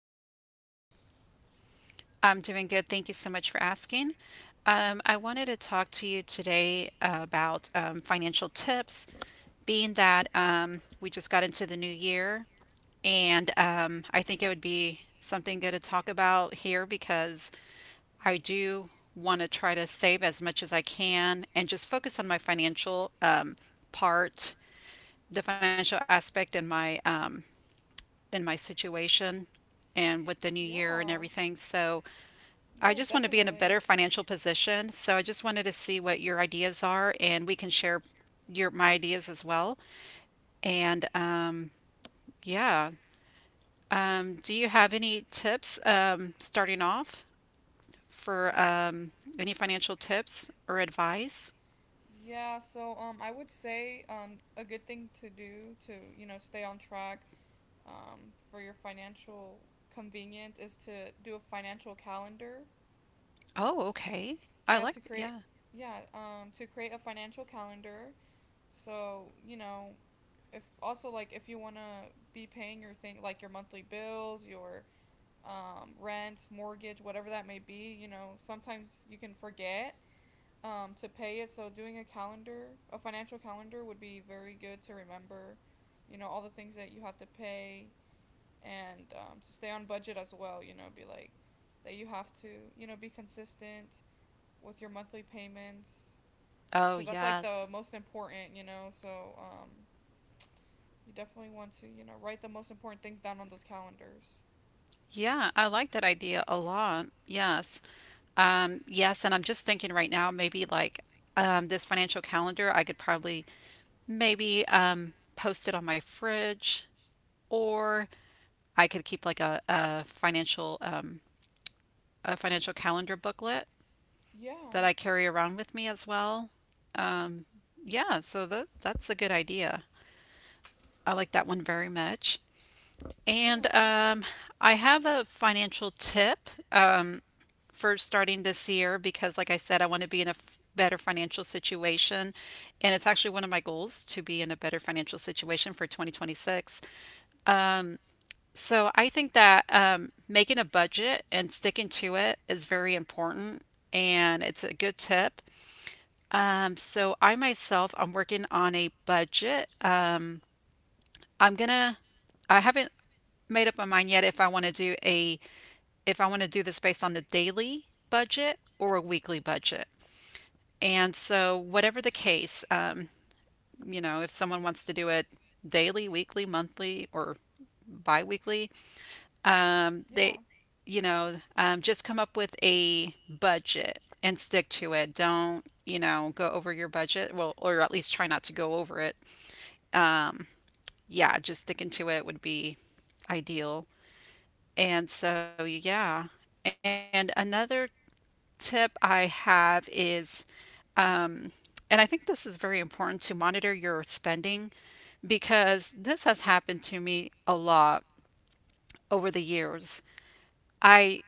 about you? I'm doing good. Thank you so much for asking. I wanted to talk to you today about financial tips, being that we just got into the new year, and I think it would be something good to talk about here because I do want to try to save as much as I can and just focus on my financial part, the financial aspect, and my in my situation and with the new year and Yeah. everything. So I Yeah, just want to be in a definitely. better financial position. So I just wanted to see what your ideas are and we can share your my ideas as well. And um yeah, do you have any tips starting off for Y- any financial tips or advice? Yeah, so I would say a good thing to do to you know stay on track for your financial convenience is to do a financial calendar. Oh, okay. I Yeah, to like that. create Yeah. yeah to create a financial calendar. So, you know, if also like if you want to be paying your thing like your monthly bills, your rent, mortgage, whatever that may be, you know, sometimes you can forget to pay it. So doing a calendar, a financial calendar would be very good to remember, you know, all the things that you have to pay and to stay on budget as well, you know, be like that you have to, you know, be consistent with your monthly payments Oh, because that's like yes. the most important, you know, so um, you definitely want to, you know, write the most important things down on those calendars. Yeah, I like that idea a lot. Yes. Yes, and I'm just thinking right now, maybe like this financial calendar, I could probably maybe post it on my fridge, or I could keep like a financial calendar booklet Yeah. that I carry around with me as well. Um, yeah, so that's a good idea. I like that one very much. Yeah, And thank you. I have a financial tip for starting this year because, like I said, I want to be in a better financial situation. And it's actually one of my goals to be in a better financial situation for 2026. So I think that making a budget and sticking to it is very important. And it's a good tip. So I myself, I'm working on a budget. I'm gonna, I haven't made up my mind yet if I want to do a, if I want to do this based on the daily budget or a weekly budget. And so, whatever the case, you know, if someone wants to do it daily, weekly, monthly, or bi-weekly, um, Yeah. they, you know, just come up with a budget and stick to it. Don't, you know, go over your budget. Well, or at least try not to go over it. Yeah, just sticking to it would be ideal. And so, yeah. And another tip I have is And I think this is very important to monitor your spending because this has happened to me a lot over the years. I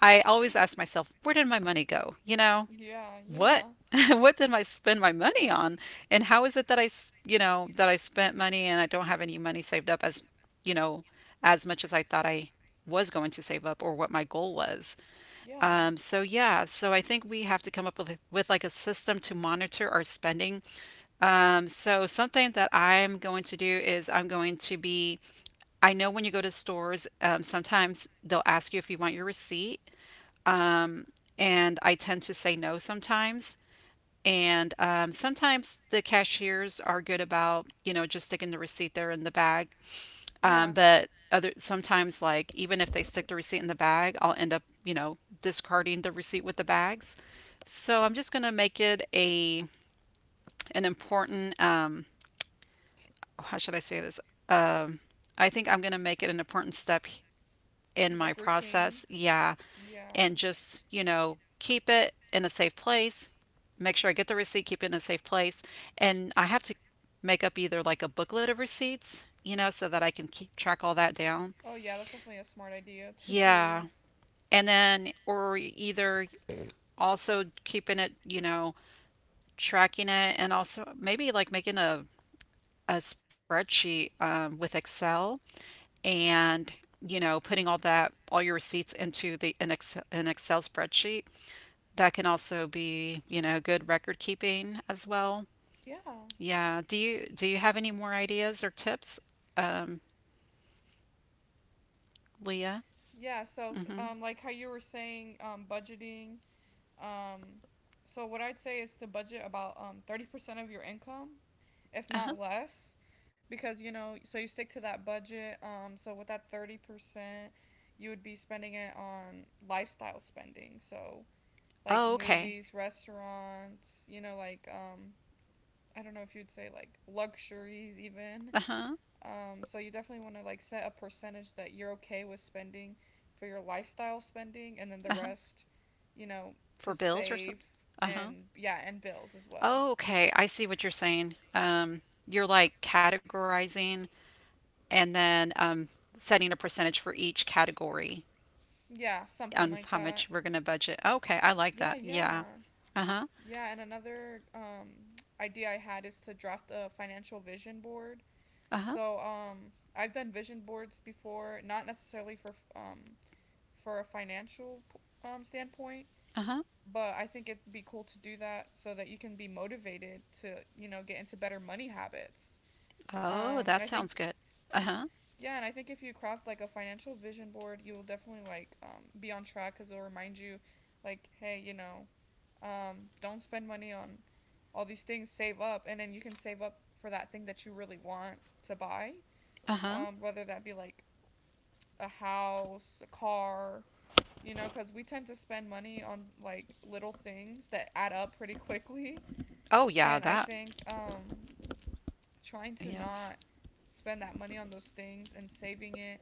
I always ask myself, where did my money go? You know, Yeah, what yeah, what did I spend my money on? And how is it that you know, that I spent money and I don't have any money saved up as, you know, as much as I thought I was going to save up or what my goal was. yeah. So yeah, so I think we have to come up with like a system to monitor our spending. So something that I'm going to do is I know when you go to stores, sometimes they'll ask you if you want your receipt, and I tend to say no sometimes. And Sometimes the cashiers are good about, you know, just sticking the receipt there in the bag. Yeah. But other sometimes, like even if they stick the receipt in the bag, I'll end up, you know, discarding the receipt with the bags. So I'm just gonna make it a an important how should I say this? Um, I think I'm going to make it an important step in You my like routine? process. Yeah. Yeah. And just, you know, keep it in a safe place. Make sure I get the receipt, keep it in a safe place. And I have to make up either like a booklet of receipts, you know, so that I can keep track all that down. Oh, yeah, that's definitely a smart idea to do. Yeah. And then, or either also keeping it, you know, tracking it and also maybe like making a spreadsheet with Excel and you know putting all that all your receipts into the an an excel spreadsheet that can also be you know good record keeping as well. Yeah. Yeah, do you have any more ideas or tips um Leah? Yeah, so Mm-hmm. Like how you were saying budgeting. Um, so what I'd say is to budget about 30% of your income, if Uh-huh. not less, because you know, so you stick to that budget. So with that 30%, you would be spending it on lifestyle spending. So like Oh, okay. movies, restaurants, you know, like I don't know if you'd say like luxuries even. Uh-huh. So you definitely want to like set a percentage that you're okay with spending for your lifestyle spending, and then the Uh-huh. rest, you know, to For bills or save something. Uh-huh. and yeah, and bills as well. Oh, okay, I see what you're saying, um, you're like categorizing and then setting a percentage for each category Yeah, something on like how that. much we're going to budget. Okay, I like Yeah, that. Yeah. yeah. Uh-huh. Yeah, and another idea I had is to draft a financial vision board. Uh-huh. So I've done vision boards before, not necessarily for for a financial standpoint, Uh-huh. but I think it'd be cool to do that so that you can be motivated to, you know, get into better money habits. Oh, And that I sounds think, good. Uh-huh. yeah, and I think if you craft like a financial vision board, you will definitely like be on track because it'll remind you, like, hey, you know, don't spend money on all these things, save up, and then you can save up for that thing that you really want to buy. Uh-huh. Whether that be like a house, a car, you know, because we tend to spend money on like little things that add up pretty quickly. Oh, yeah, And I that. think trying to Yes. not spend that money on those things and saving it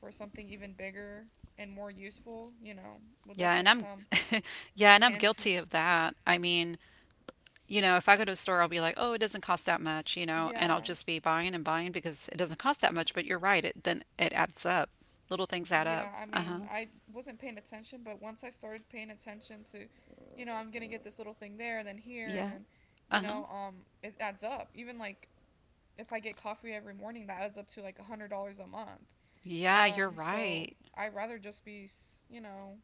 for something even bigger and more useful, you know, will Yeah, and definitely I'm come yeah, in and I'm handy. I'm guilty of that. I mean, you know, if I go to a store, I'll be like, "Oh, it doesn't cost that much," you know, like, and I'll oh, just be buying and buying because it doesn't cost that much, but you're right. It Then it adds up. Little things add yeah, up. right. Yeah, I mean, Uh-huh. I wasn't paying attention, but once I started paying attention to, you know, I'm gonna get this little thing there, and then here, and Yeah. then, you Uh-huh. know, it adds up. Even like if I get coffee every morning, that adds up to like $100 a month. Yeah, you're So right. I'd rather just be, you know,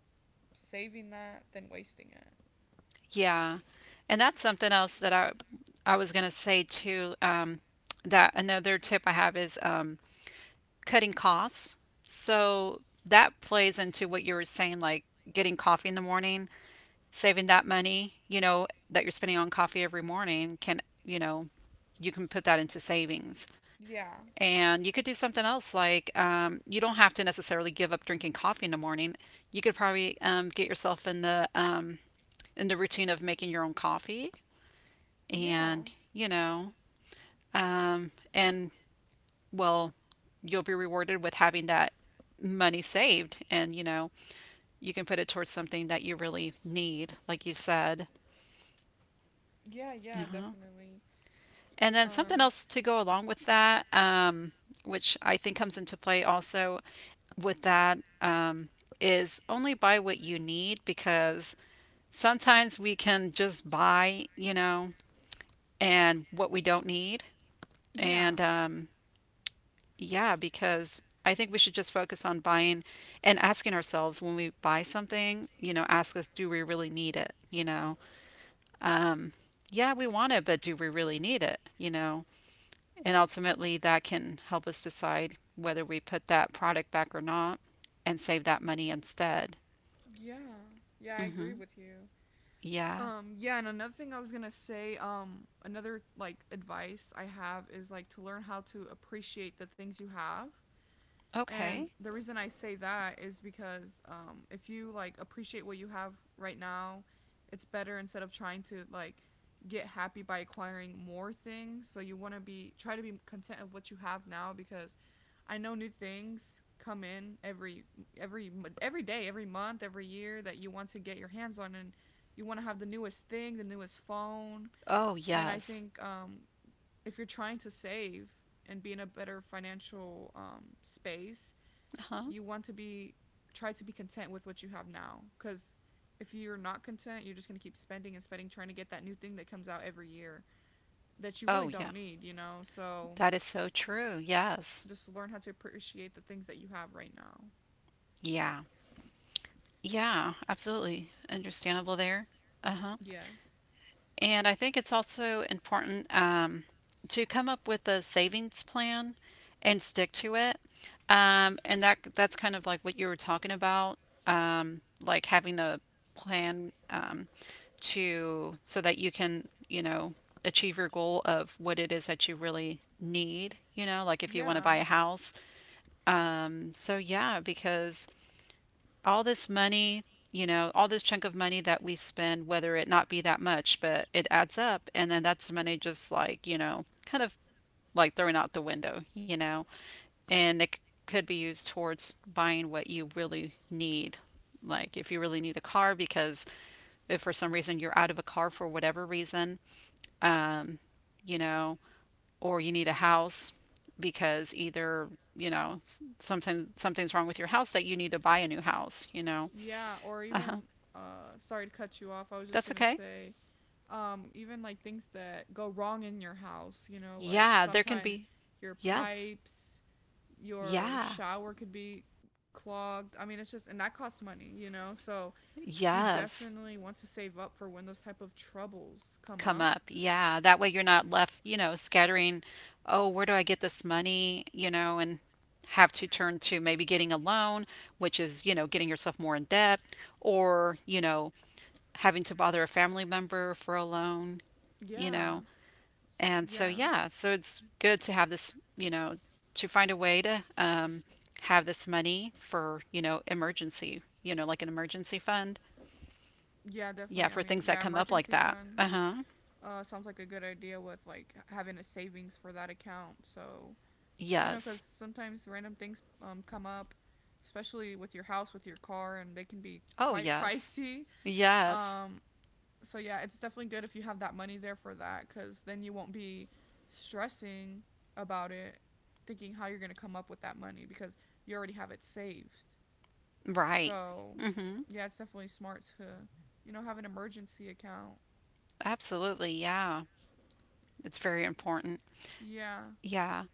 saving that than wasting it. Yeah. And that's something else that I was gonna say too, that another tip I have is cutting costs. So that plays into what you were saying, like getting coffee in the morning, saving that money, you know, that you're spending on coffee every morning can, you know, you can put that into savings. Yeah, And you could do something else like you don't have to necessarily give up drinking coffee in the morning. You could probably get yourself in the routine of making your own coffee, yeah. and you know and well you'll be rewarded with having that money saved and you know you can put it towards something that you really need like you said. Yeah, yeah, Uh-huh. definitely. And then something Um else to go along with that which I think comes into play also with that, is only buy what you need because sometimes we can just buy you know and what we don't need. Yeah. And Yeah, because I think we should just focus on buying and asking ourselves when we buy something, you know, ask us, do we really need it? You know, yeah, we want it, but do we really need it? You know, and ultimately that can help us decide whether we put that product back or not and save that money instead. Yeah. Yeah, I agree Hmm. with you. Yeah. Yeah, and another thing I was going to say another like advice I have is like to learn how to appreciate the things you have. And Okay. the reason I say that is because if you like appreciate what you have right now, it's better instead of trying to like get happy by acquiring more things. So you want to be try to be content of what you have now because I know new things come in every every day, every month, every year that you want to get your hands on and you want to have the newest thing, the newest phone. Oh, And I yes. think if you're trying to save and be in a better financial space, Uh huh? you want to be try to be content with what you have now because if you're not content you're just going to keep spending and spending trying to get that new thing that comes out every year that you really Oh, yeah. don't need you know so That is so that is so true. true. Yes. Yeah. Just learn how to appreciate the things that you have right now. Yeah. Yeah. Absolutely understandable there. Uh huh. Yes. And I think it's also important to come up with a savings plan and stick to it. And that's kind of like what you were talking about, like having a plan to so that you can, you know, achieve your goal of what it is that you really need, you know, like You if know, you want to yeah. buy a house. So yeah, because all this money, you know, all this chunk of money that we spend, whether it not be that much, but it adds up. And then that's money just like, you know, kind of like throwing out the window, you know, and it could be used towards buying what you really need. Like if you really need a car, because if for some reason you're out of a car for whatever reason, um, you know, or you need a house because either sometimes something's wrong with your house that you need to buy a new house. You know, Yeah, or uh huh. even sorry to cut you off. I was just That's going to okay. say even like things that go wrong in your house, you know, like Yeah, there can sometimes be. your Yes. pipes, your Yeah. shower could be clogged. I mean, it's just and that costs money, you know. So you Yes. definitely want to save up for when those type of troubles come Come up. up. Yeah, that way you're not left, you know, scattering, oh, where do I get this money, you know, and have to turn to maybe getting a loan, which is, you know, getting yourself more in debt or, you know, having to bother a family member for a loan, you Yeah. know. And so, Yeah. yeah, so it's good to have this, you know, to find a way to have this money for, you know, emergency, you know, like an emergency fund. Yeah, Yeah, definitely. I for mean, things that yeah, come up like emergency that. fund. Uh huh. Sounds like a good idea with like having a savings for that account. So you know, because Yes. sometimes random things come up, especially with your house, with your car, and they can be Oh, quite yes. pricey. Yes. Um, so yeah, it's definitely good if you have that money there for that, because then you won't be stressing about it, thinking how you're gonna come up with that money because you already have it saved. Right. So Hmm. yeah, it's definitely smart to you know have an emergency account. Absolutely. Yeah. It's very important. Yeah, Yeah.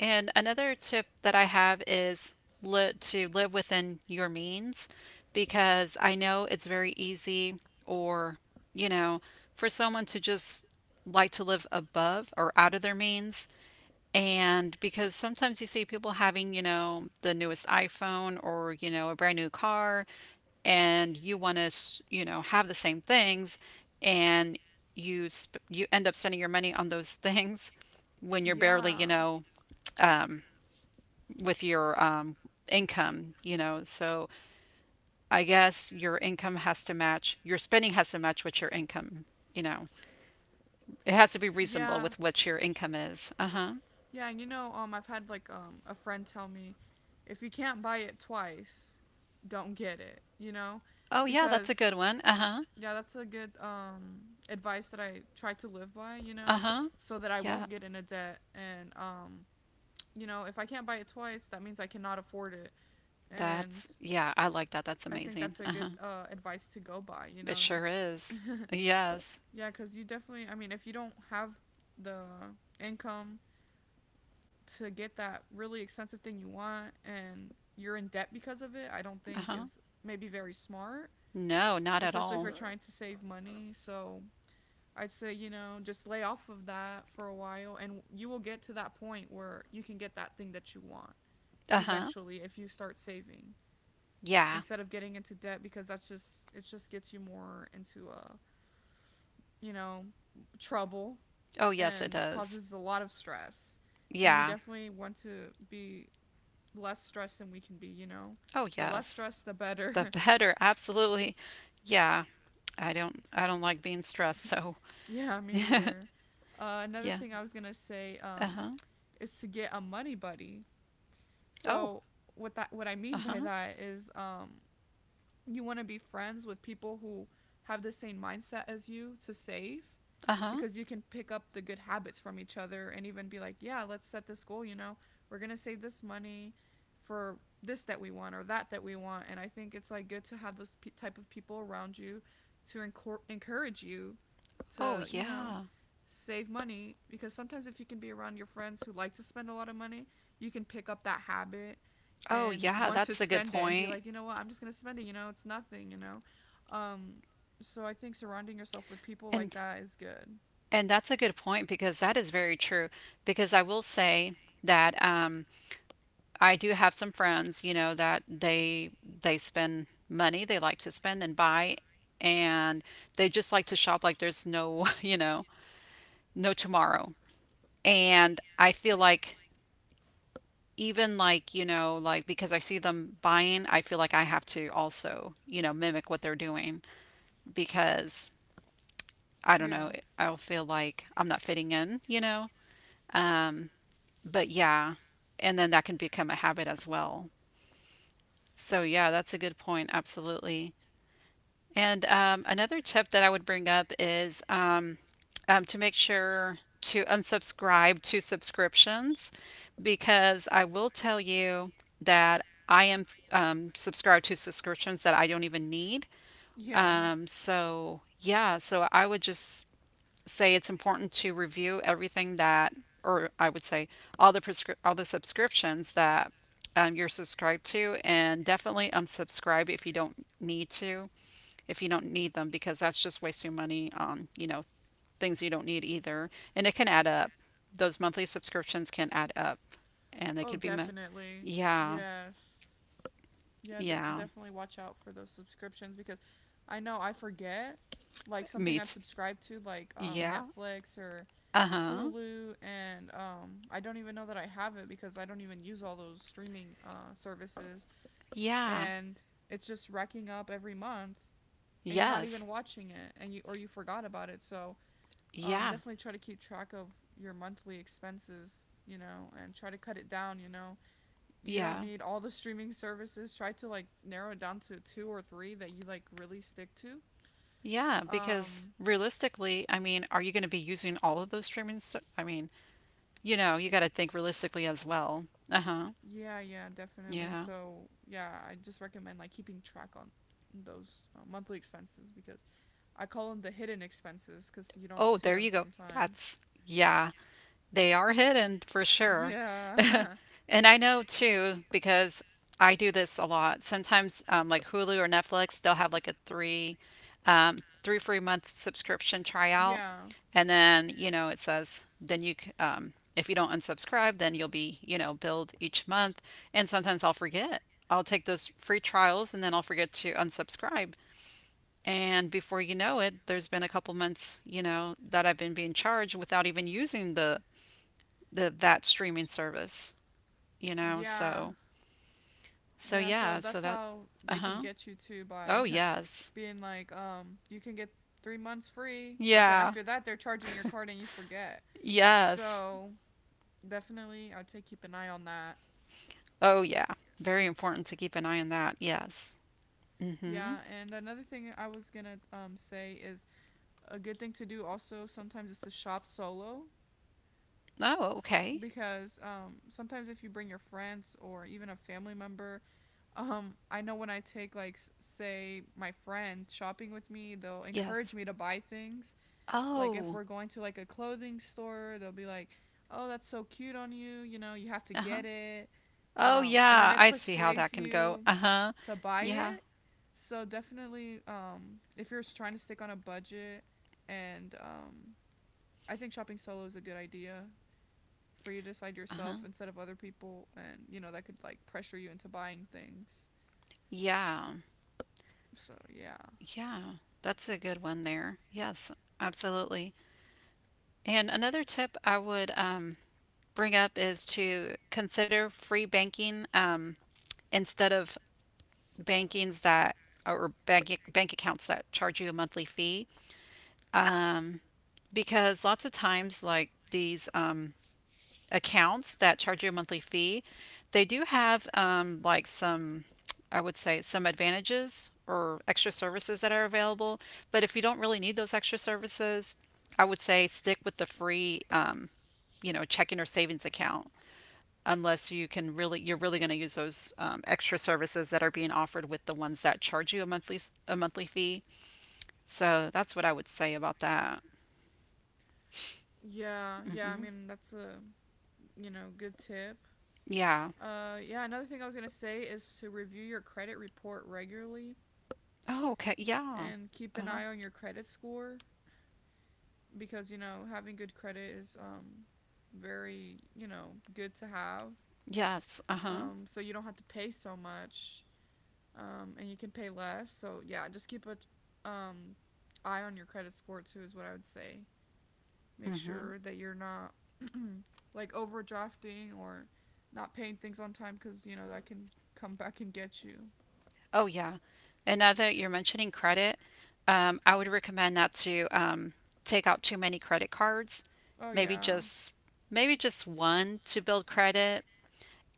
And another tip that I have is to live within your means because I know it's very easy or, you know, for someone to just like to live above or out of their means. And because sometimes you see people having, you know, the newest iPhone or, you know, a brand new car, and you want to, you know, have the same things, and you end up spending your money on those things when you're barely, you yeah. know, with your income, you know. So your spending has to match what your income, you know. It has to be reasonable Yeah, with what your income is. Uh huh. yeah, and you know, I've had like a friend tell me, if you can't buy it twice, don't get it. You know, Oh, yeah, that's a because good one. Uh huh. yeah, that's a good advice that I try to live by. You Uh know, huh. so that I Yeah, won't get into debt, and you know, if I can't buy it twice, that means I cannot afford it, and yeah, I like that. That's I think amazing. that's a Uh good huh. Advice to go by. You It know, sure just is. Yes. yeah, because you definitely. I mean, if you don't have the income to get that really expensive thing you want and you're in debt because of it, I don't Uh think huh. is maybe very smart, No, not at especially if all. you're trying to save money. So I'd say, you know, just lay off of that for a while and you will get to that point where you can get that thing that you want Uh huh. eventually if you start saving Yeah. instead of getting into debt because that's just it just gets you more into a, you know, trouble Oh, yes, it and does. causes a lot of stress. And we Yeah. definitely want to be less stressed than we can be, you know? Oh, The less yes. stress, the The better. better. Absolutely. Yeah. I don't like being stressed, so Yeah, me yeah. neither. Another thing I was gonna say Uh-huh. is to get a money buddy. Oh, So what I mean by uh-huh. that is you want to be friends with people who have the same mindset as you to save Uh-huh. because you can pick up the good habits from each other and even be like, yeah, let's set this goal, you know, we're going to save this money for this that we want or that we want. And I think it's like good to have those type of people around you to encourage you Oh, to, you know, yeah. save money because sometimes if you can be around your friends who like to spend a lot of money, you can pick up that habit Oh, and yeah, want to that's a good spend it and be point. like, you know what, I'm just gonna spend it. You know, it's nothing. You know, um, so I think surrounding yourself with people like And that is good. and that's a good point because that is very true because I will say that I do have some friends, you know, that they spend money, they like to spend and buy and they just like to shop like there's no, you know, no tomorrow. And I feel like even like, you know, like because I see them buying, I feel like I have to also, you know, mimic what they're doing because I don't Yeah. know, I'll feel like I'm not fitting in, you know? But yeah, and then that can become a habit as well. So yeah, that's a good point. Absolutely. And another tip that I would bring up is to make sure to unsubscribe to subscriptions because I will tell you that I am subscribed to subscriptions that I don't even need. Yeah. So, yeah, so I would just say it's important to review everything that, or I would say all the all the subscriptions that you're subscribed to, and definitely unsubscribe if you don't need to, if you don't need them, because that's just wasting money on you know things you don't need either, and it can add up. Those monthly subscriptions can add up, and they Oh, could be, ma- definitely. yeah, Yes. Yeah, yeah, definitely watch out for those subscriptions because I know I forget like something me I'm too, subscribed to like yeah, Netflix or uh huh, Hulu and I don't even know that I have it because I don't even use all those streaming services. yeah, And it's just racking up every month and you're not yes, even watching it and you or you forgot about it so yeah, definitely try to keep track of your monthly expenses you know and try to cut it down you know you don't yeah. need all the streaming services try to like narrow it down to 2 or 3 that you like really stick to Yeah, because um realistically, I mean, are you going to be using all of those streaming? Ser- I mean, you know, you got to think realistically as well. Uh-huh. yeah. Yeah, definitely. Yeah. So yeah, I just recommend like keeping track on those monthly expenses because I call them the hidden expenses because you don't Oh, see there them you go. sometimes. That's, yeah, they are hidden for sure. Yeah. And I know too, because I do this a lot. Sometimes, like Hulu or Netflix, they'll have like a um, three free month subscription tryout. Yeah. And then, you know, it says, then you, if you don't unsubscribe, then you'll be, you know, billed each month. And sometimes I'll forget. I'll take those free trials and then I'll forget to unsubscribe. And before you know it, there's been a couple months, you know, that I've been being charged without even using the that streaming service, you know. Yeah. So, so Yeah, so yeah, so that's that, how they can uh-huh. get you too Oh, by yes. being like, you can get 3 months free, but then Yeah. after that they're charging your card and you forget. Yes. So definitely, I'd say keep an eye on that. Oh, yeah. Very important to keep an eye on that. Yes. Mm-hmm. Yeah, and another thing I was gonna say is a good thing to do also sometimes is to shop solo Oh, okay. because sometimes if you bring your friends or even a family member, I know when I take, like, say my friend shopping with me, they'll encourage Yes. me to buy things. Like if Oh, we're going to like a clothing store, they'll be like, "Oh, that's so cute on you, you know, you have to uh-huh. get it." Oh, And then yeah. it I see how persuades that can go. you Uh-huh. to buy Yeah. it. So definitely, if you're trying to stick on a budget and I think shopping solo is a good idea for you to decide Uh-huh. yourself instead of other people, and you know that could like pressure you into buying things. Yeah. So yeah, Yeah, that's a good one there. Yes, absolutely. And another tip I would bring up is to consider free banking instead of bankings that or bank accounts that charge you a monthly fee because lots of times like these accounts that charge you a monthly fee, they do have like some, I would say, some advantages or extra services that are available. But if you don't really need those extra services, I would say stick with the free, you know, checking or savings account unless you can really you're really going to use those extra services that are being offered with the ones that charge you a monthly fee. So that's what I would say about that. yeah, yeah. I hmm mean, that's a, good tip. Yeah. Yeah. Another thing I was gonna say is to review your credit report regularly Oh, okay. Yeah. and keep an Uh-huh. eye on your credit score because, you know, having good credit is, very, you know, good to have. Yes. Uh-huh. So you don't have to pay so much. And you can pay less. So yeah, just keep a um eye on your credit score too is what I would say. Make Mhm. sure that you're not like overdrafting or not paying things on time because, you know, that can come back and get you. Oh, yeah. And now that you're mentioning credit, I would recommend not to take out too many credit cards. Oh Maybe yeah, just Maybe just one to build credit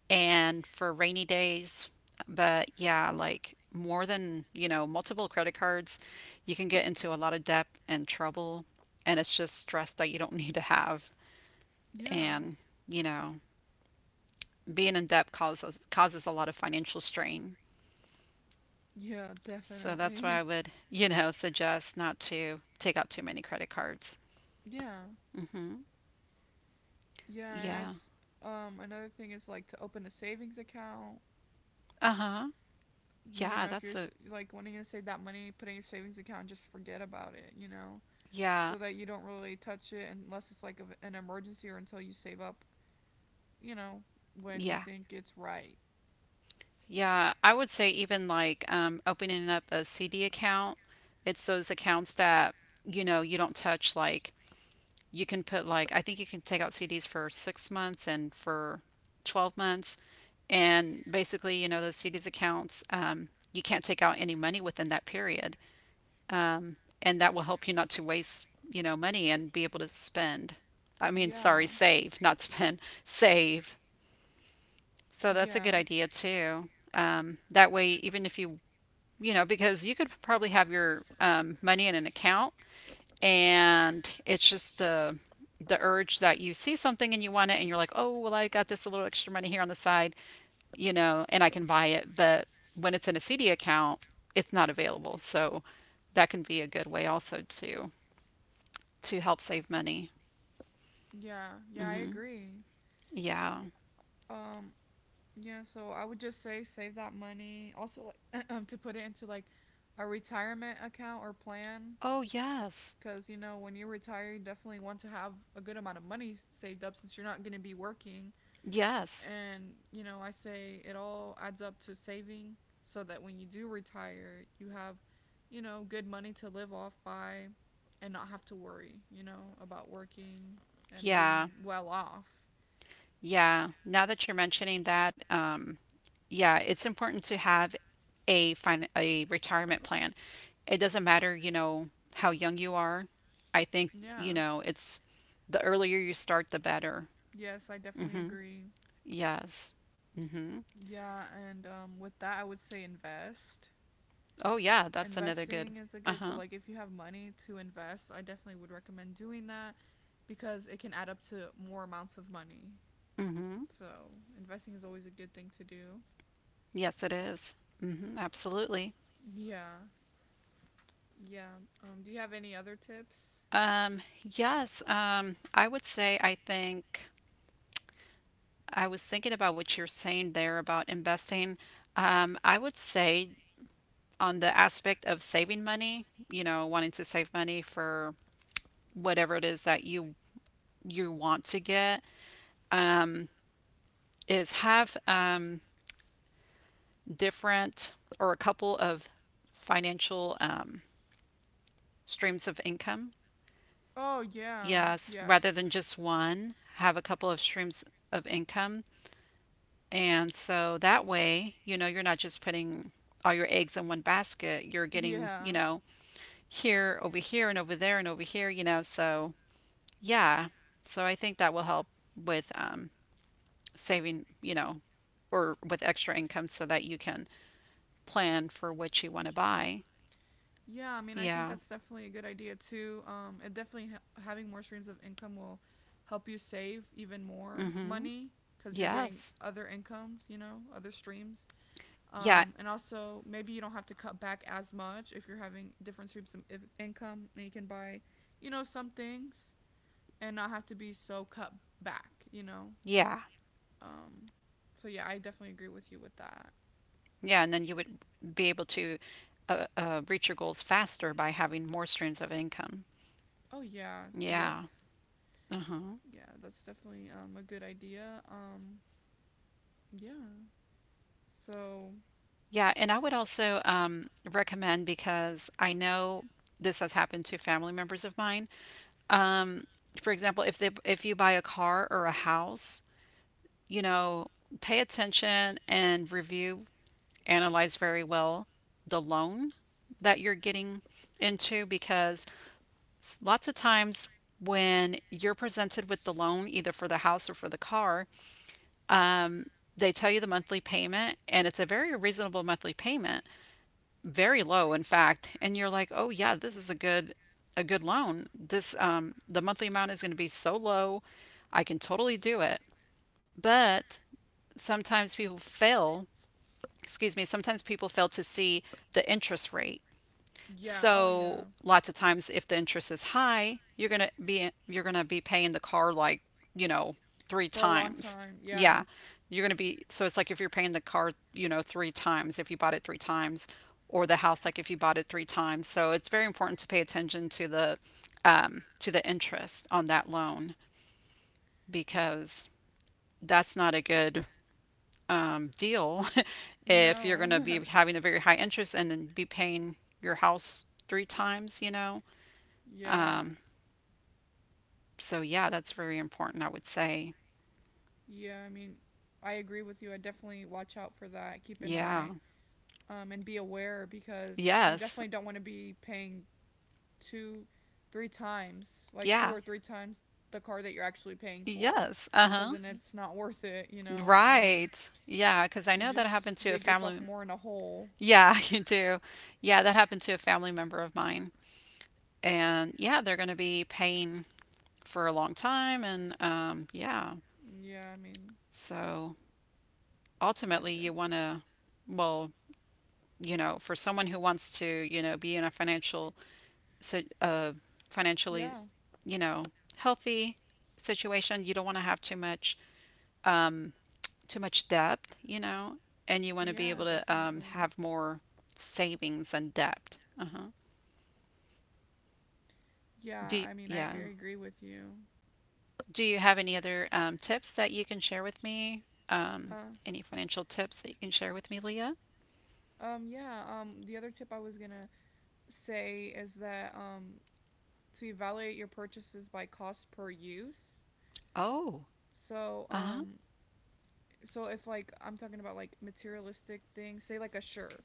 and for rainy days. But yeah, like more than, you know, multiple credit cards, you can get into a lot of debt and trouble, and it's just stress that you don't need to have. yeah, And, you know, being in debt causes a lot of financial strain. yeah, So that's why definitely. I would, you know, suggest not to take out too many credit cards. Yeah. hmm Yeah, and Yeah. it's, another thing is like to open a savings account. Uh-huh. You know, Yeah, if you're that's a like wanting to save that money, putting a savings account and just forget about it, you know, yeah, so that you don't really touch it unless it's like a, an emergency or until you save up, you know, when you yeah. think it's right. Yeah, I would say even like opening up a CD account, it's those accounts that, you know, you don't touch like you can put like I think you can take out CDs for 6 months and for 12 months and basically, you know, those CDs accounts you can't take out any money within that period. And that will help you not to waste you know money and be able to spend I mean Yeah. sorry save not spend save so that's a good Yeah. idea too. That way even if you you know because you could probably have your money in an account and it's just the urge that you see something and you want it and you're like oh well I got this a little extra money here on the side you know and I can buy it but when it's in a CD account it's not available so that can be a good way also to help save money. Yeah, yeah, I hmm agree. Yeah. Um, yeah, so I would just say save that money. Also, like, to put it into like a retirement account or plan, Oh, yes. because, you know, when you retire, you definitely want to have a good amount of money saved up since you're not gonna be working. Yes. And, you know, I say it all adds up to saving so that when you do retire, you have, you know, good money to live off by and not have to worry, you know, about working and being Yeah. yeah, well off. Yeah. Now that you're mentioning that, yeah, it's important to have a a retirement plan. It doesn't matter, you know, how young you are. I think, I you yeah. know, it's the The earlier you earlier start, you the start, better. the better. Yes, I definitely agree. Yes. hmm Yeah, and with that, I would say invest. Oh, yeah, Oh, yeah. that's another good. Investing is a good, so Uh-huh. like if you have money to invest, I definitely would recommend doing that because it can add up to more amounts of money. Mm-hmm. So investing is always a good thing to do. Yes, it is. Mm-hmm, absolutely. Yeah. Yeah. Do you have any other tips? Yes, I would say I think I was thinking about what you're saying there about investing. I would say on the aspect of saving money, you know, wanting to save money for whatever it is that you want to get, is have different or a couple of financial streams of income. Oh, yeah. Yes, rather Yes. than just one, have a couple of streams of income. And so that way, you know, you're not just putting all your eggs in one basket. You're getting, you Yeah. know, here, over here, and over there, and over here, you know. So, yeah. So, I think that will help with saving, you know, or with extra income so that you can plan for what you want to buy. Yeah, I mean, I think Yeah. that's definitely a good idea too. It definitely having more streams of income will help you save even more Mm-hmm. money because you're getting Yes. other incomes, you know, other streams. Yeah. And also, maybe you don't have to cut back as much if you're having different streams of income and you can buy, you know, some things and not have to be so cut back, you know? Yeah. Um, so, yeah, I definitely agree with you with that. Yeah. And then you would be able to reach your goals faster by having more streams of income. Oh, yeah. Yeah. Yes. Uh-huh. Yeah, that's definitely a good idea. Yeah. So, Yeah, and I would also recommend because I know this has happened to family members of mine, for example, if you buy a car or a house, you know, pay attention and review, analyze very well the loan that you're getting into because lots of times when you're presented with the loan either for the house or for the car, they tell you the monthly payment and it's a very reasonable monthly payment, very low in fact, and you're like, "Oh yeah, this is a good loan. This the monthly amount is going to be so low. I can totally do it." But sometimes people fail, excuse me, sometimes people fail to see the interest rate. yeah. Oh, yeah. So lots of times if the interest is high, you're going to be paying the car like, you know, three For a long times. time. Yeah. Yeah. You're going to be so it's like if you're paying the car, you know, three times if you bought it three times or the house like if you bought it three times. So it's very important to pay attention to the interest on that loan because that's not a good deal if you're going to No. be having a very high interest and then be paying your house three times, you know? Yeah. So, yeah, that's very important, I would say. Yeah, I mean, I agree with you. I definitely watch out for that. Keep an Yeah. eye, and be aware because you Yes. definitely don't want to be paying two, three times, like two Yeah. or three times the car that you're actually paying for, Yes. Uh because huh. then it's not worth it, you know. Right. Yeah. Because I You know that just happened to a dig yourself family. more in a hole. Yeah, you do. Yeah, that happened to a family member of mine. And yeah, they're going to be paying for a long time. And yeah. Yeah, I mean, So yeah, ultimately, you want to, well, you know, for someone who wants to, you know, be in a financial, so financially, yeah, you know, healthy situation, you don't want to have um, too much debt, you know, and you want to be yeah, able to definitely. have more savings and debt. Uh huh. Yeah, Do I mean, I yeah. agree with you. Do you have any other tips that you can share with me? Um, Uh, any financial tips that you can share with me, Leah? Yeah, the other tip I was gonna say is that, to evaluate your purchases by cost per use. Oh. So, Uh huh. So if like I'm talking about like materialistic things, say like a shirt,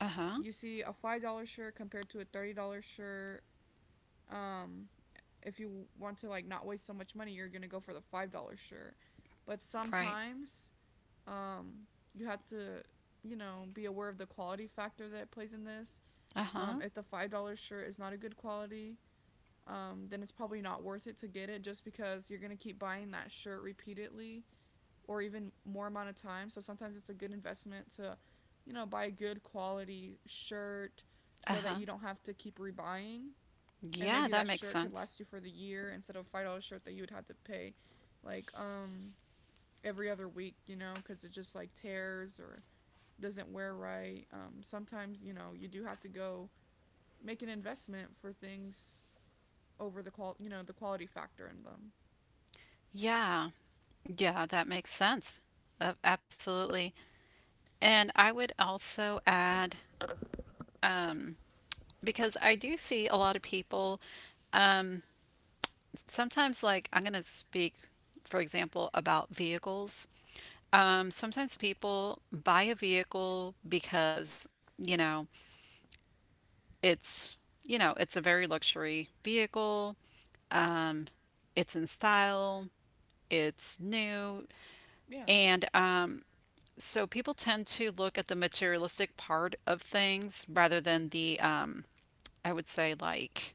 Uh huh. you see a $5 shirt compared to a $30 shirt. Um, if you want to like not waste so much money, you're gonna go for the $5 shirt. But Right. sometimes Um, you have to, you know, be aware of the quality factor that plays in this. Uh huh. If the $5 shirt is not a good quality, then it's probably not worth it to get it just because you're gonna keep buying that shirt repeatedly or even more amount of time. So sometimes it's a good investment to, you know, buy a good quality shirt Uh so that huh. you don't have to keep rebuying. And Yeah, maybe that that makes shirt could sense. last you for the year instead of a $5 shirt that you would have to pay like every other week, you know, because it just like tears or doesn't wear right. Sometimes, you know, you do have to go make an investment for things over the you know, the quality factor in them. Yeah. Yeah, that makes sense. Absolutely. And I would also add, because I do see a lot of people sometimes, like, I'm going to speak, for example, about vehicles. Sometimes people buy a vehicle because, you know, it's, it's a very luxury vehicle, it's in style, it's new, Yeah. and so people tend to look at the materialistic part of things rather than the, I would say like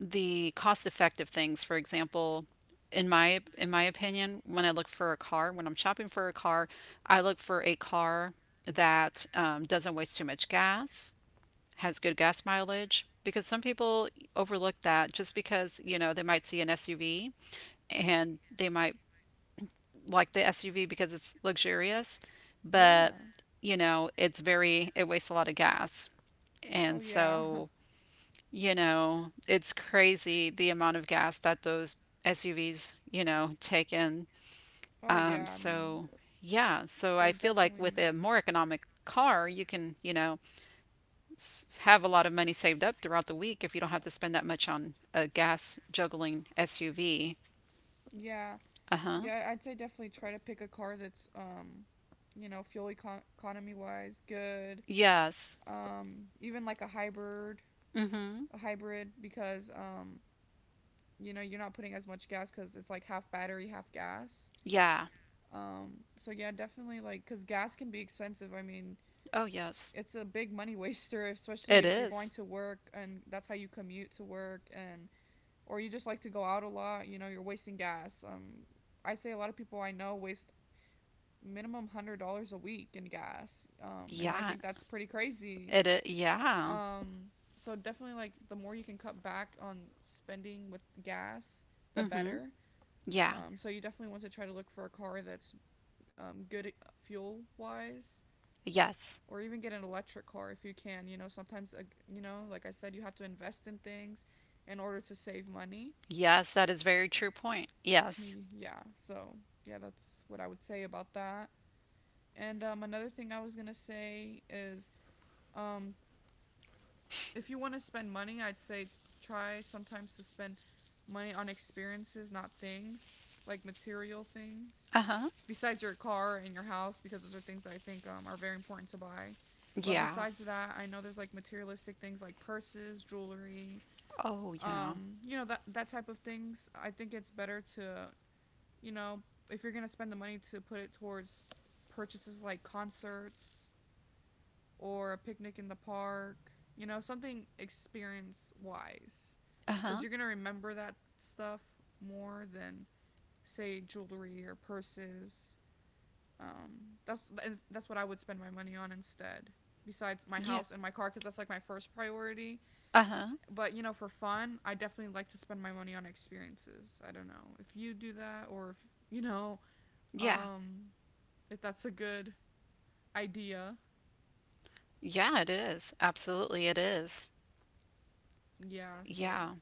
the cost effective things, for example, in my opinion, when I look for a car, when I'm shopping for a car, I look for a car that doesn't waste too much gas, has good gas mileage, because some people overlook that just because, you know, they might see an SUV and they might like the SUV because it's luxurious, but Yeah. you know, it wastes a lot of gas. Oh And yeah. so you know, it's crazy the amount of gas that those SUVs, you know, take in. Oh Um, yeah. I mean, so yeah, so they I feel like with definitely. a more economic car, you can, you know, have a lot of money saved up throughout the week if you don't have to spend that much on a gas juggling SUV. Yeah. Uh-huh. Yeah. I'd say definitely try to pick a car that's, you know, fuel economy wise good. Yes. Even like Mm-hmm. a hybrid because, you know, you're not putting as much gas because it's like half battery half gas. Yeah. So yeah, definitely, like, because gas can be expensive, I mean, Oh, yes. it's a big money waster, especially It if you're going is. to work and that's how you commute to work, and or you just like to go out a lot, you know, you're wasting gas. I say a lot of people I know waste minimum $100 a week in gas, and I Yeah. think that's pretty crazy. It is. Yeah. um so definitely, like, the more you can cut back on spending with gas, the Mm-hmm. better. Yeah. So you definitely want to try to look for a car that's, good fuel wise, Yes. or even get an electric car if you can. You know, sometimes, you know, like I said, you have to invest in things in order to save money. Yes, that is very true point. Point. Yes. yeah. So yeah, that's what I would say about that. And another thing I was gonna say is, um, if you want to spend money, I'd say try sometimes to spend money on experiences, not things like material things, Uh-huh. besides your car and your house, because those are things that I think, are very important to buy. But Yeah. besides that, I know there's like materialistic things like purses, jewelry, Oh, yeah. You know, that, that type of things. I think it's better to, you know, if you're gonna spend the money to put it towards purchases like concerts or a picnic in the park, you know, something experience wise, because Uh-huh. you're gonna remember that stuff more than say jewelry or purses, um, that's that's what I would spend my money on instead, besides my Yeah. house and my car, because that's like my first priority. Uh-huh. But you know, for fun, I definitely like to spend my money on experiences. I don't know if you do that or if, you know, Yeah. um, if that's a good idea. Yeah, it is. Absolutely, it is. Yeah, so Yeah.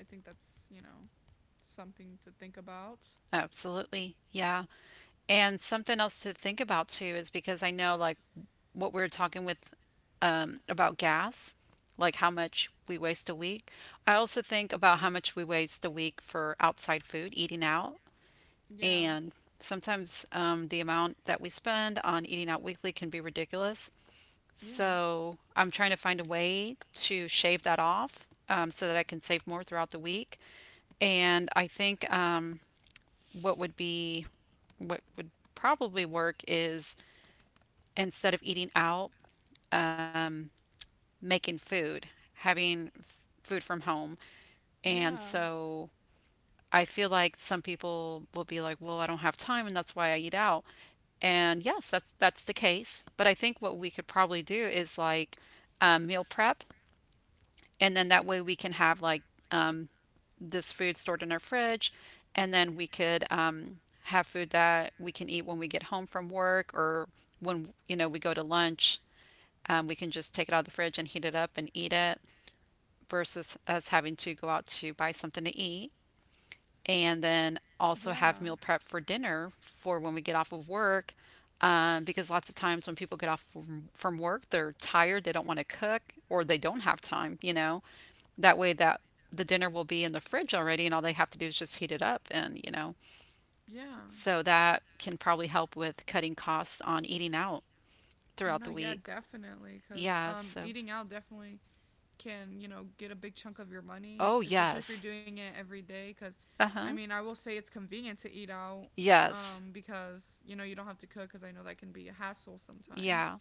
I think that's, you know, something to think about. Absolutely. Yeah. And something else to think about too is because I know like what we were talking with about gas, like how much we waste a week. I also think about how much we waste a week for outside food, eating out, Yeah, and sometimes the amount that we spend on eating out weekly can be ridiculous. yeah, So I'm trying to find a way to shave that off so that I can save more throughout the week. And I think what would be what would probably work is instead of eating out, um, making food, having food from home. And yeah, so I feel like some people will be like, "Well, I don't have time, and that's why I eat out." And yes, that's the case. But I think what we could probably do is like meal prep and then that way we can have like um, this food stored in our fridge and then we could have food that we can eat when we get home from work or when you know we go to lunch we can just take it out of the fridge and heat it up and eat it versus us having to go out to buy something to eat and then also have yeah, meal prep for dinner for when we get off of work because lots of times when people get off from work they're tired, they don't want to cook or they don't have time, you know, that way that the dinner will be in the fridge already and all they have to do is just heat it up and, you know, yeah. so that can probably help with cutting costs on eating out throughout No, the yeah, week. definitely. Because, Yeah, so eating out definitely can, you know, get a big chunk of your money, oh especially if you're yes. doing it every day. Because, I Uh-huh. mean, I will say it's convenient to eat out, Yes. Because, you know, you don't have to cook because I know that can be a hassle Yeah. sometimes.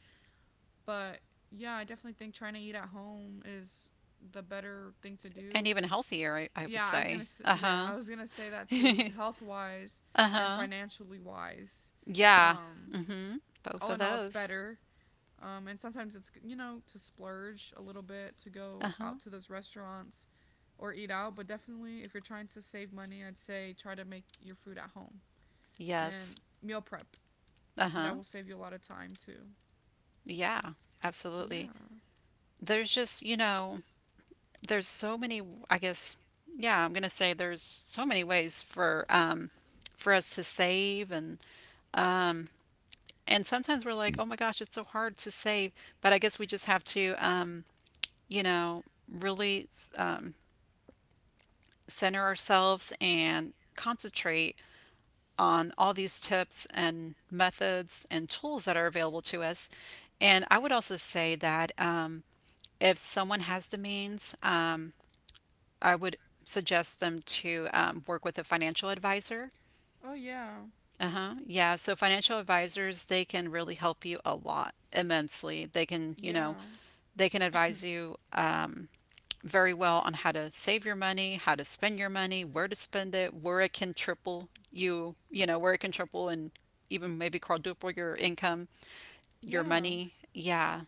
But yeah, I definitely think trying to eat at home is the better thing to And do. even healthier, I would Yeah, I was gonna say. Yeah, Uh-huh. I was gonna say that too, health wise and Uh-huh. financially wise. Yeah. Um, Mm-hmm. Both all of in all, it's those. better, and sometimes it's, you know, to splurge a little bit to go Uh-huh. out to those restaurants or eat out, but definitely if you're trying to save money, I'd say try to make your food at home Yes. and meal prep. Uh-huh. That will save you a lot of time too. Yeah. Yeah. Absolutely. There's just, you know, there's so many, I guess yeah, I'm going to say there's so many ways for for us to save, and um and sometimes we're like, oh my gosh, it's so hard to save, but I guess we just have to you know, really, um center ourselves and concentrate on all these tips and methods and tools that are available to us. And I would also say that if someone has the means, I would suggest them to work with a financial advisor. Oh yeah. Uh huh. Yeah. So financial advisors, they can really help you a lot, immensely. They can, you know, Yeah. they can advise you very well on how to save your money, how to spend your money, where to spend it, where it can triple and even maybe quadruple your income, your Yeah. money. Yeah.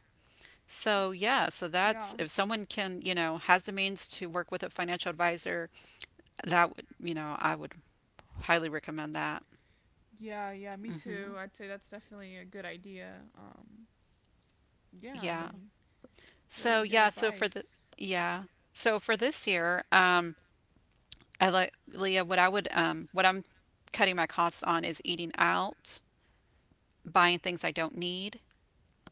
So, yeah, so that's Yeah. if someone can, you know, has the means to work with a financial advisor, that would, you know, I would highly recommend that. Yeah, yeah, me too. I'd say that's definitely a good idea. Yeah, I Yeah. mean, very So good yeah, so for the advice. yeah. So for this year, I like Leah, what I would what I'm cutting my costs on is eating out, buying things I don't need.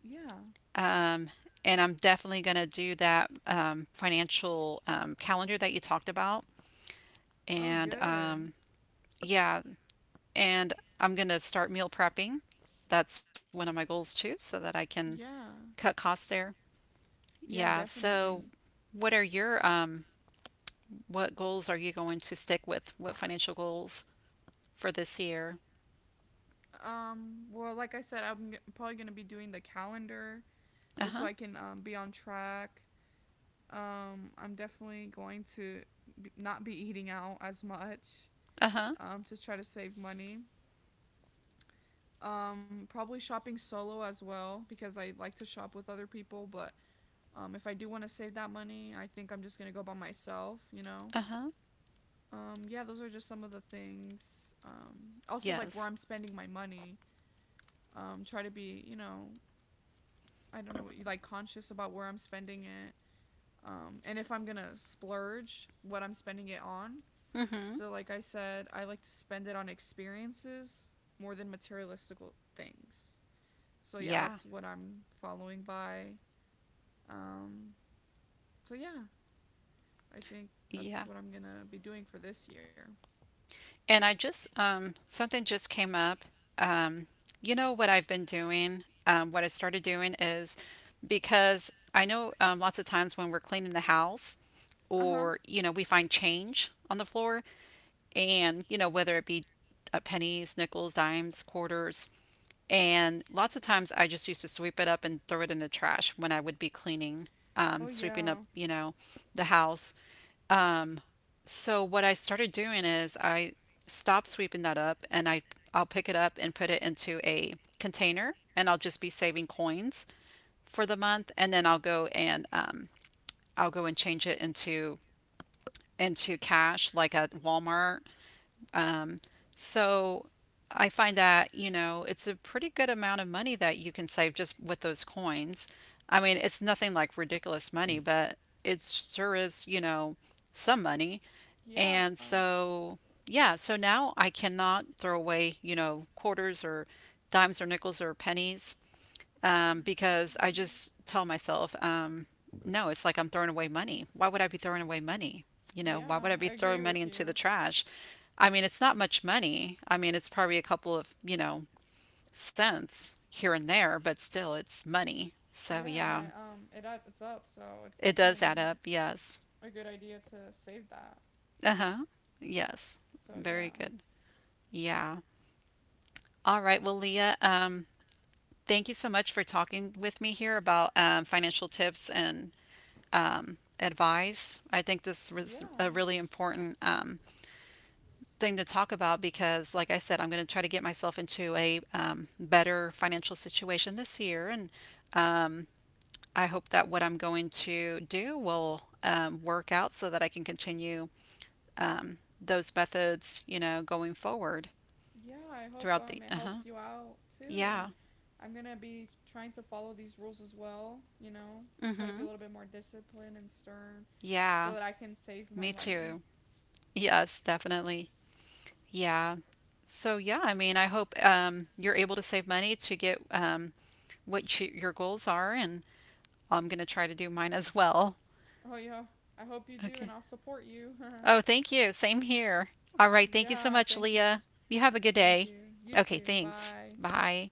Yeah. Um and I'm definitely going to do that financial calendar that you talked about. Oh, And good. Yeah, and I'm going to start meal prepping. That's one of my goals too, so that I can Yeah. cut costs there. Yeah, Yeah, so definitely. what are your , what goals are you going to stick with? What financial goals for this year? Well, like I said, I'm probably gonna be doing the calendar just so Uh-huh. I can, be on track. I'm definitely going to not be eating out as much. Uh-huh. To try to save money. Probably shopping solo as well because I like to shop with other people. But, if I do want to save that money, I think I'm just gonna go by myself. You know. Uh-huh. Yeah, those are just some of the things, also like where Yes. I'm spending my money, try to be, you know, I don't know, like conscious about where I'm spending it, and if I'm gonna splurge, what I'm spending it on. Mm-hmm. So like I said, I like to spend it on experiences more than materialistic things. So yeah, Yeah. that's what I'm following by. um so yeah, I think that's Yeah. what I'm gonna be doing for this year. And I just, something just came up. Um, you know what I've been doing? What I started doing is because I know lots of times when we're cleaning the house Uh-huh. or, you know, we find change on the floor and, you know, whether it be pennies, nickels, dimes, quarters. And lots of times I just used to sweep it up and throw it in the trash when I would be cleaning, Oh sweeping up, yeah. you know, the house. So what I started doing is I stop sweeping that up and I'll pick it up and put it into a container and I'll just be saving coins for the month, and then I'll go and change it into cash like at Walmart. So I find that, you know, it's a pretty good amount of money that you can save just with those coins. I mean, it's nothing like ridiculous money, but it sure is, you know, some money. Yeah. And so, yeah, so now I cannot throw away, you know, quarters or dimes or nickels or pennies, because I just tell myself, no, it's like I'm throwing away money. Why would I be throwing away money? You know, why Yeah, would I I be agree throwing money with into the you. trash? I mean, it's not much money. I mean, it's probably a couple of, you know, cents here and there, but still it's money. So Yeah, and yeah, it it it's up, so it's it does definitely add up. Yes. a good idea to save that. Uh huh. Yes. So Very yeah. good. Yeah. All right. Well, Leah, thank you so much for talking with me here about financial tips and advice. I think this Yeah. was a really important thing to talk about because, like I said, I'm going to try to get myself into a better financial situation this year. And I hope that what I'm going to do will work out so that I can continue those methods, you know, going forward Yeah, I hope throughout the. it Uh huh. helps you out too, Yeah. and I'm going to be trying to follow these rules as well, you know, Mm try to be a hmm. little bit more disciplined and stern so Yeah. that I can save my Me money. too. Yes, definitely. Yeah. So yeah, I mean, I hope you're able to save money to get what you, your goals are, and I'm going to try to do mine as well. Oh, yeah. I hope you do, Okay. and I'll support you. Oh, thank you. Same here. All right. Thank you Yeah, so much, thank you. Leah. You have a good Thank day. you. You Okay, too. thanks. Bye. Bye.